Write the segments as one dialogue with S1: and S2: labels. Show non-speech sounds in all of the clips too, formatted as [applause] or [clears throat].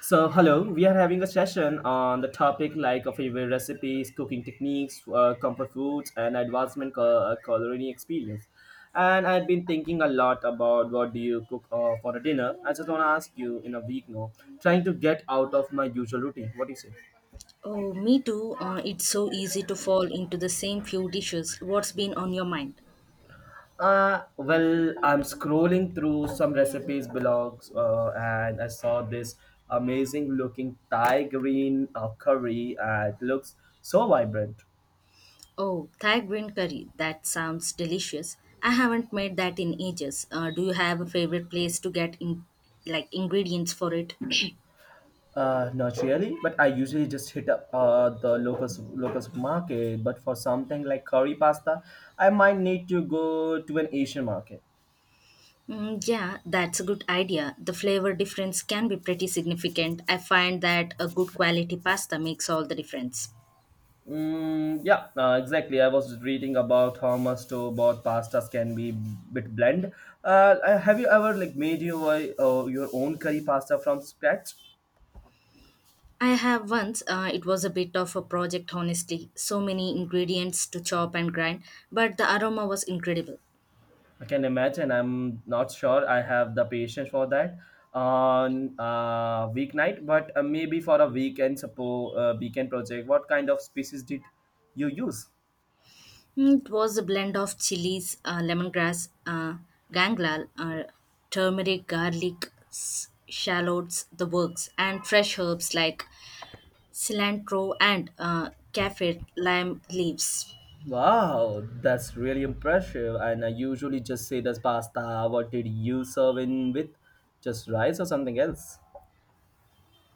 S1: So, hello, we are having a session on the topic like of favorite recipes, cooking techniques, comfort foods, and advancement culinary experience. And I've been thinking a lot about what do you cook for a dinner. I just want to ask you in a week now, trying to get out of my usual routine. What do you say?
S2: Oh, me too. It's so easy to fall into the same few dishes. What's been on your mind?
S1: Well, I'm scrolling through some recipes blogs, and I saw this amazing looking Thai green curry. It looks so vibrant.
S2: Oh, Thai green curry. That sounds delicious. I haven't made that in ages. Do you have a favorite place to get in, like ingredients for it? [clears throat]
S1: Not really, but I usually just hit up the local supermarket. But for something like curry pasta, I might need to go to an Asian market.
S2: Mm, yeah, that's a good idea. The flavor difference can be pretty significant. I find that a good quality pasta makes all the difference.
S1: Mm, yeah, exactly. I was reading about how much store-bought pastas can be bit bland. Have you ever like made your own curry pasta from scratch?
S2: I have once, it was a bit of a project, honestly. So many ingredients to chop and grind, but the aroma was incredible.
S1: I can imagine. I'm not sure I have the patience for that on weeknight, but maybe for a weekend, suppose weekend project. What kind of species did you use?
S2: Mm, it was a blend of chilies, lemongrass, ganglal, turmeric, garlic, shallots, the works, and fresh herbs like cilantro and kaffir lime leaves.
S1: Wow, that's really impressive. And I usually just say that's pasta. What did you serve in with? Just rice or something else?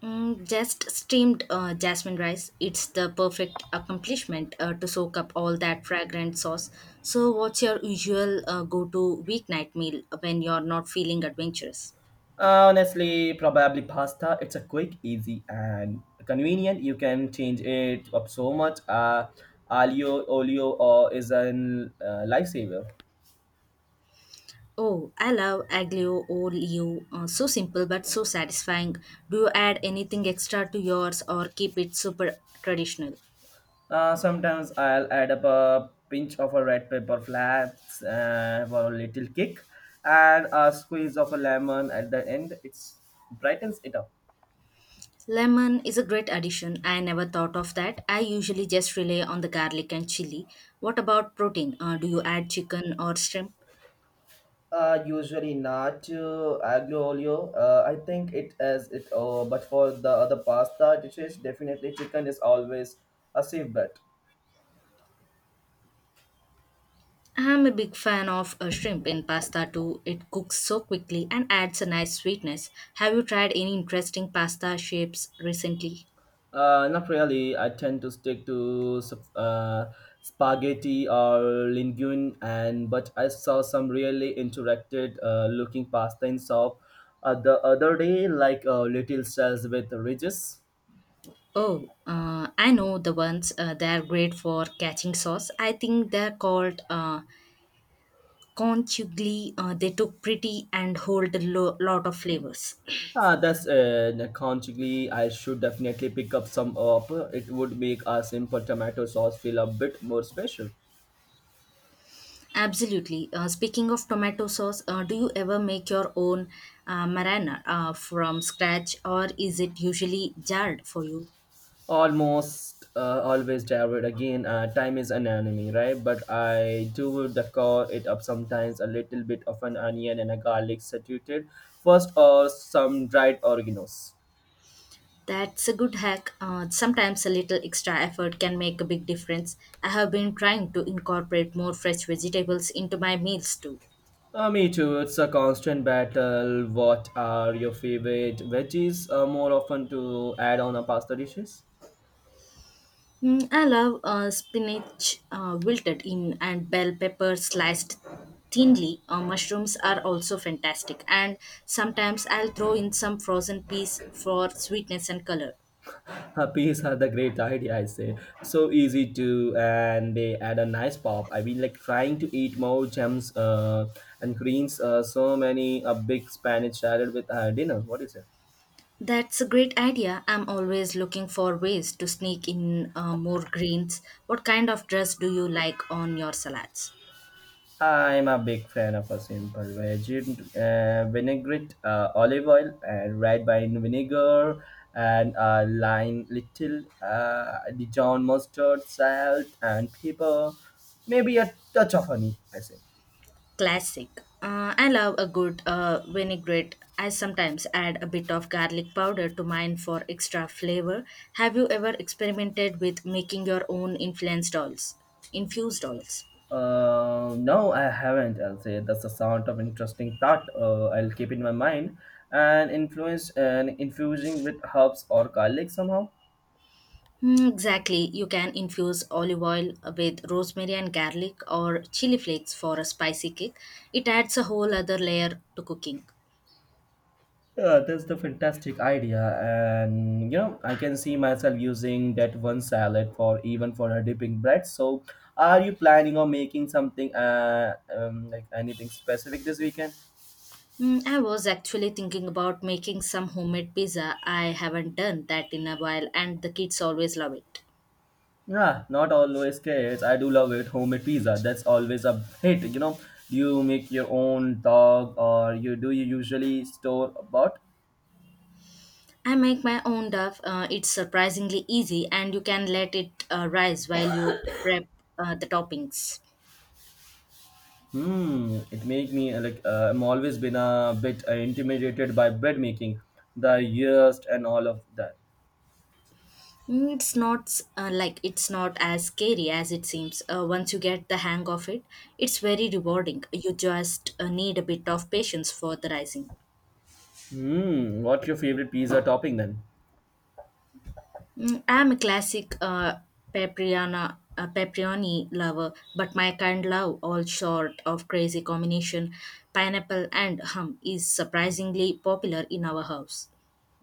S2: Mm, just steamed jasmine rice. It's the perfect accomplishment to soak up all that fragrant sauce. So, what's your usual go to weeknight meal when you're not feeling adventurous?
S1: Honestly, probably pasta. It's a quick, easy, and convenient. You can change it up so much. Aglio olio or is a lifesaver.
S2: Oh, I love aglio olio. So simple but so satisfying. Do you add anything extra to yours or keep it super traditional?
S1: Sometimes I'll add up a pinch of a red pepper flats for a little kick, and a squeeze of a lemon at the end. It's brightens it up.
S2: Lemon is a great addition. I never thought of that. I usually just rely on the garlic and chili. What about protein? Do you add chicken or shrimp?
S1: Usually not aglio olio. I think it is it. But for the other pasta dishes, definitely chicken is always a safe bet.
S2: I'm a big fan of shrimp in pasta too. It cooks so quickly and adds a nice sweetness. Have you tried any interesting pasta shapes recently?
S1: Not really. I tend to stick to spaghetti or linguine, and but I saw some really interacted looking pasta in shop the other day, like little shells with ridges.
S2: Oh, I know the ones. They are great for catching sauce. I think they're called conchugli. They look pretty and hold a lot of flavors.
S1: Ah, that's I should definitely pick up some up. It would make our simple tomato sauce feel a bit more special.
S2: Absolutely. Speaking of tomato sauce, do you ever make your own marinara from scratch, or is it usually jarred for you?
S1: Almost always, David. Again, time is an enemy, right? But I do decor it up sometimes a little bit of an onion and a garlic saturated first, or some dried oreganos.
S2: That's a good hack. Sometimes a little extra effort can make a big difference. I have been trying to incorporate more fresh vegetables into my meals too.
S1: Me too. It's a constant battle. What are your favorite veggies? More often to add on a pasta dishes.
S2: Mm, I love spinach wilted in and bell pepper sliced thinly. Mushrooms are also fantastic, and sometimes I'll throw in some frozen peas for sweetness and color.
S1: Peas are the great idea, I say. So easy to, and they add a nice pop. I've been like trying to eat more gems and greens. So many a big Spanish salad with dinner. What is it?
S2: That's a great idea. I'm always looking for ways to sneak in more greens. What kind of dress do you like on your salads?
S1: I'm a big fan of a simple veg vinaigrette, olive oil, and red wine vinegar, and lime, little Dijon mustard, salt, and pepper. Maybe a touch of honey. I say.
S2: Classic. I love a good vinaigrette. I sometimes add a bit of garlic powder to mine for extra flavor. Have you ever experimented with making your own influenced oils? Infused oils.
S1: No, I haven't. I'll say that's a sound of interesting thought. I'll keep in my mind and influence and infusing with herbs or garlic somehow.
S2: Hmm, exactly. You can infuse olive oil with rosemary and garlic or chili flakes for a spicy kick. It adds a whole other layer to cooking.
S1: Yeah, that's the fantastic idea, and you know I can see myself using that one salad for even for a dipping bread. So, are you planning on making something like anything specific this weekend?
S2: Mm, I was actually thinking about making some homemade pizza. I haven't done that in a while, and the kids always love it.
S1: Yeah, not always cakes. I do love it. Homemade pizza. That's always a hit. You know, do you make your own dog or you do you usually store bought?
S2: I make my own duff. It's surprisingly easy, and you can let it rise while you prep the toppings.
S1: Hmm, it make me I'm always been a bit intimidated by bread making, the yeast and all of that.
S2: Mm, it's not like it's not as scary as it seems. Once you get the hang of it, it's very rewarding. You just need a bit of patience for the rising.
S1: Hmm, what's your favorite pizza topping then?
S2: Mm, I'm a classic Papriana, Paprioni lover, but my kind love all sort of crazy combination, pineapple and hum, is surprisingly popular in our house.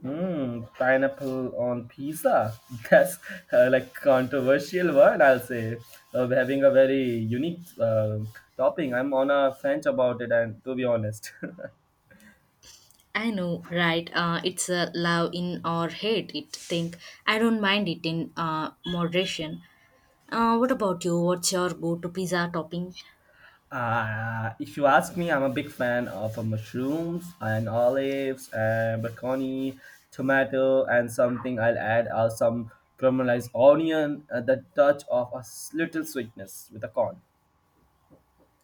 S1: Mm, pineapple on pizza. [laughs] That's like controversial one. I'll say. Having a very unique topping. I'm on a fence about it, and to be honest,
S2: I know, right? It's a love in or hate it thing. I don't mind it in moderation. What about you? What's your go-to pizza topping?
S1: [laughs] if you ask me, I'm a big fan of mushrooms and olives and baconi, tomato, and something I'll add some caramelized onion, the touch of little sweetness with a corn.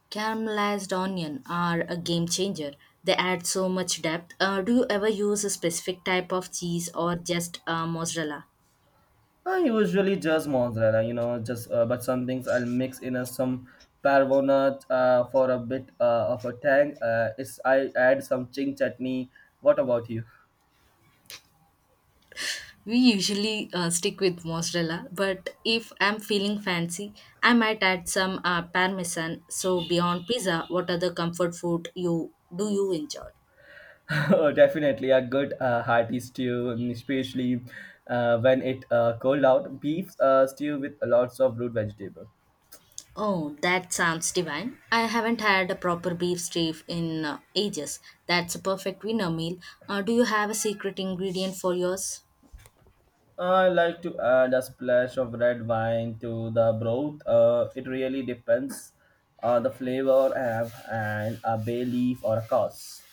S2: Caramelized onion are a game changer. They add so much depth. Do you ever use a specific type of cheese or just mozzarella?
S1: I usually just mozzarella, you know, just but some things I'll mix in some parvona for a bit of a tang. It's I add some ching chutney. What about you?
S2: We usually stick with mozzarella, but if I'm feeling fancy, I might add some parmesan. So beyond pizza, what other comfort food you do you enjoy?
S1: [laughs] Oh, definitely a good hearty stew, and especially when it cold out. Beef stew with lots of root vegetable.
S2: Oh, that sounds divine. I haven't had a proper beef stew in ages. That's a perfect winner meal. Do you have a secret ingredient for yours?
S1: I like to add a splash of red wine to the broth. It really depends on the flavor I have and a bay leaf or a cause.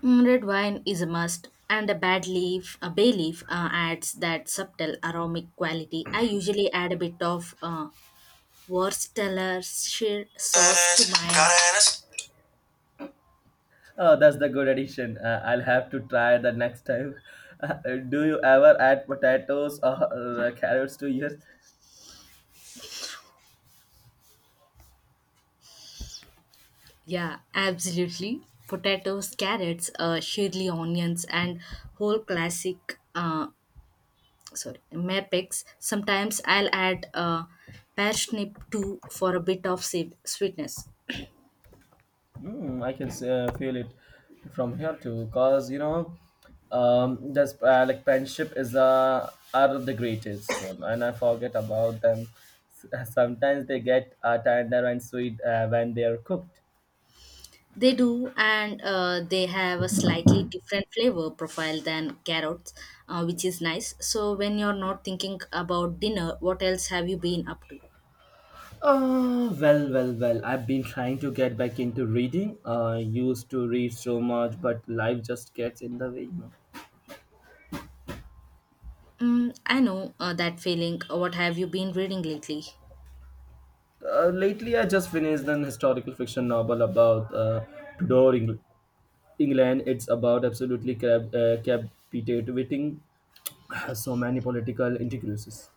S2: Mm, red wine is a must, and a bay leaf, adds that subtle aromatic quality. I usually add a bit of Worcestershire sauce to mine.
S1: Oh, that's the good addition. I'll have to try the next time. [laughs] Do you ever add potatoes or carrots to yours?
S2: Yeah, absolutely. Potatoes, carrots, surely onions, and whole classic sorry mapex. Sometimes I'll add parsnip too for a bit of sweetness.
S1: Mm, I can feel it from here too, cause you know, this like friendship is are the greatest one, and I forget about them. Sometimes they get tender and sweet when they are cooked.
S2: They do, and they have a slightly different flavor profile than carrots, which is nice. So when you're not thinking about dinner, what else have you been up to?
S1: I've been trying to get back into reading. I used to read so much, but life just gets in the way, you know.
S2: Mm, I know that feeling. What have you been reading lately?
S1: Lately, I just finished an historical fiction novel about Tudor England. It's about absolutely captivating [sighs] [clears throat] so many political intricacies.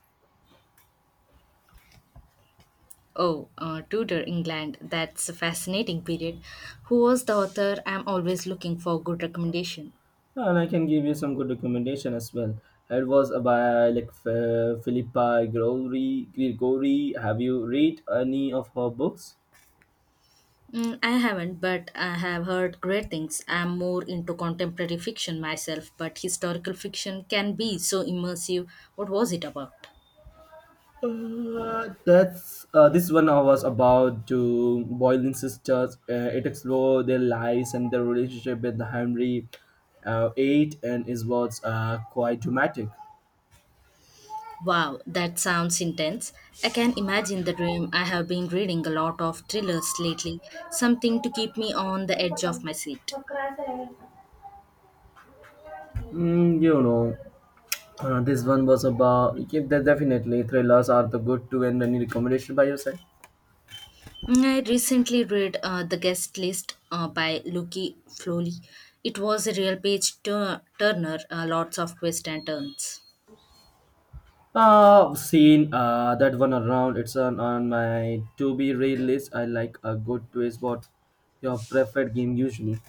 S2: Oh, Tudor England. That's a fascinating period. Who was the author? I'm always looking for good recommendation.
S1: And I can give you some good recommendation as well. It was by like Philippa Gregory. Have you read any of her books?
S2: Mm, I haven't, but I have heard great things. I'm more into contemporary fiction myself, but historical fiction can be so immersive. What was it about?
S1: That's this one I was about to boiling sisters. It explores their lives and their relationship with Henry Eight, and is was quite dramatic.
S2: Wow, that sounds intense. I can imagine the dream. I have been reading a lot of thrillers lately, something to keep me on the edge of my seat.
S1: Mm, you know, this one was about. Yeah, definitely thrillers are the good to end any recommendation by your side.
S2: Mm, I recently read The Guest List by Lucky Flowley. It was a real page turner, lots of twists and turns.
S1: Seen that one around. It's on my to be read list. I like a good twist. What your preferred game usually?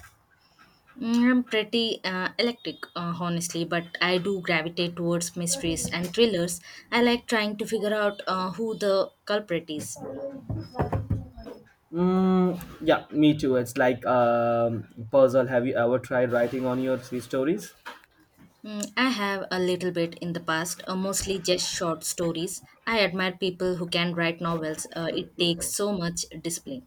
S2: Mm, I'm pretty electric, honestly, but I do gravitate towards mysteries and thrillers. I like trying to figure out who the culprit is.
S1: Mm, yeah, me too. It's like puzzle. Have you ever tried writing on your three stories?
S2: Mm, I have a little bit in the past, mostly just short stories. I admire people who can write novels. It takes so much discipline.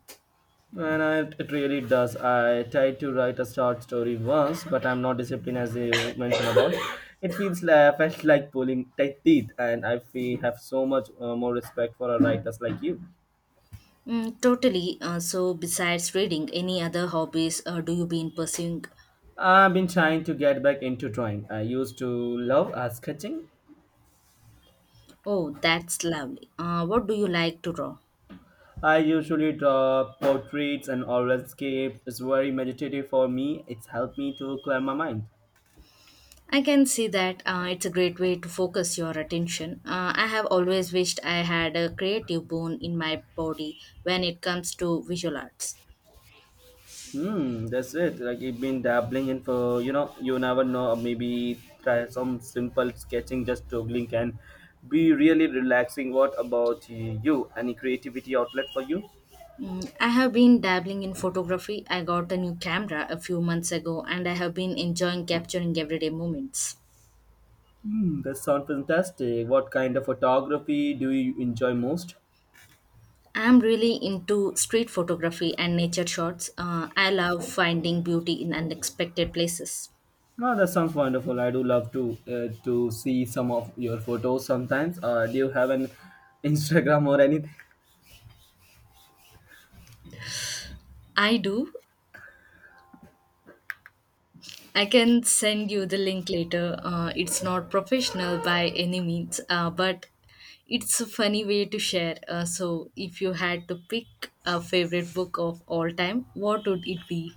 S1: And I, it really does. I tried to write a short story once, but I'm not disciplined as you mentioned about. It feels like felt like pulling tight teeth, and I feel have so much more respect for a writers like you.
S2: Mm, totally. So, besides reading, any other hobbies do you been pursuing?
S1: I've been trying to get back into drawing. I used to love sketching.
S2: Oh, that's lovely. What do you like to draw?
S1: I usually draw portraits and oral landscapes. It's very meditative for me. It's helped me to clear my mind.
S2: I can see that it's a great way to focus your attention. I have always wished I had a creative bone in my body when it comes to visual arts.
S1: Hmm, that's it. Like you've been dabbling in for you know, you never know. Maybe try some simple sketching, just doodling can be really relaxing. What about you? Any creativity outlet for you?
S2: Mm, I have been dabbling in photography. I got a new camera a few months ago and I have been enjoying capturing everyday moments.
S1: Hmm, that sounds fantastic. What kind of photography do you enjoy most?
S2: I'm really into street photography and nature shots. I love finding beauty in unexpected places.
S1: No, that sounds wonderful. I do love to see some of your photos sometimes. Do you have an Instagram or anything?
S2: I do. I can send you the link later. It's not professional by any means, but it's a funny way to share. So, if you had to pick a favorite book of all time, what would it be?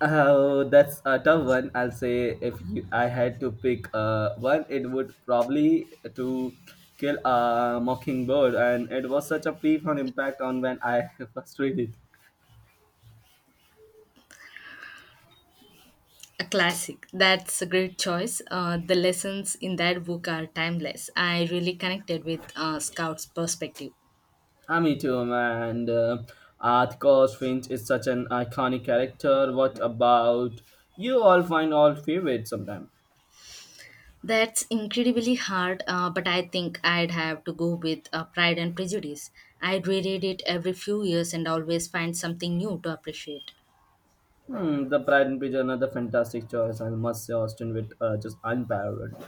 S1: Oh, that's a tough one. I'll say if you, I had to pick one, it would probably to kill a mockingbird, and it was such a profound impact on when I [laughs] first read it.
S2: A classic. That's a great choice. The lessons in that book are timeless. I really connected with Scout's perspective.
S1: Ah, me too, man. And, of course, Finch is such an iconic character. What about you? All find all favorite sometime.
S2: That's incredibly hard, but I think I'd have to go with Pride and Prejudice. I reread it every few years and always find something new to appreciate.
S1: Hmm, the Pride and Prejudice, another fantastic choice. I must say, Austin with just unparalleled.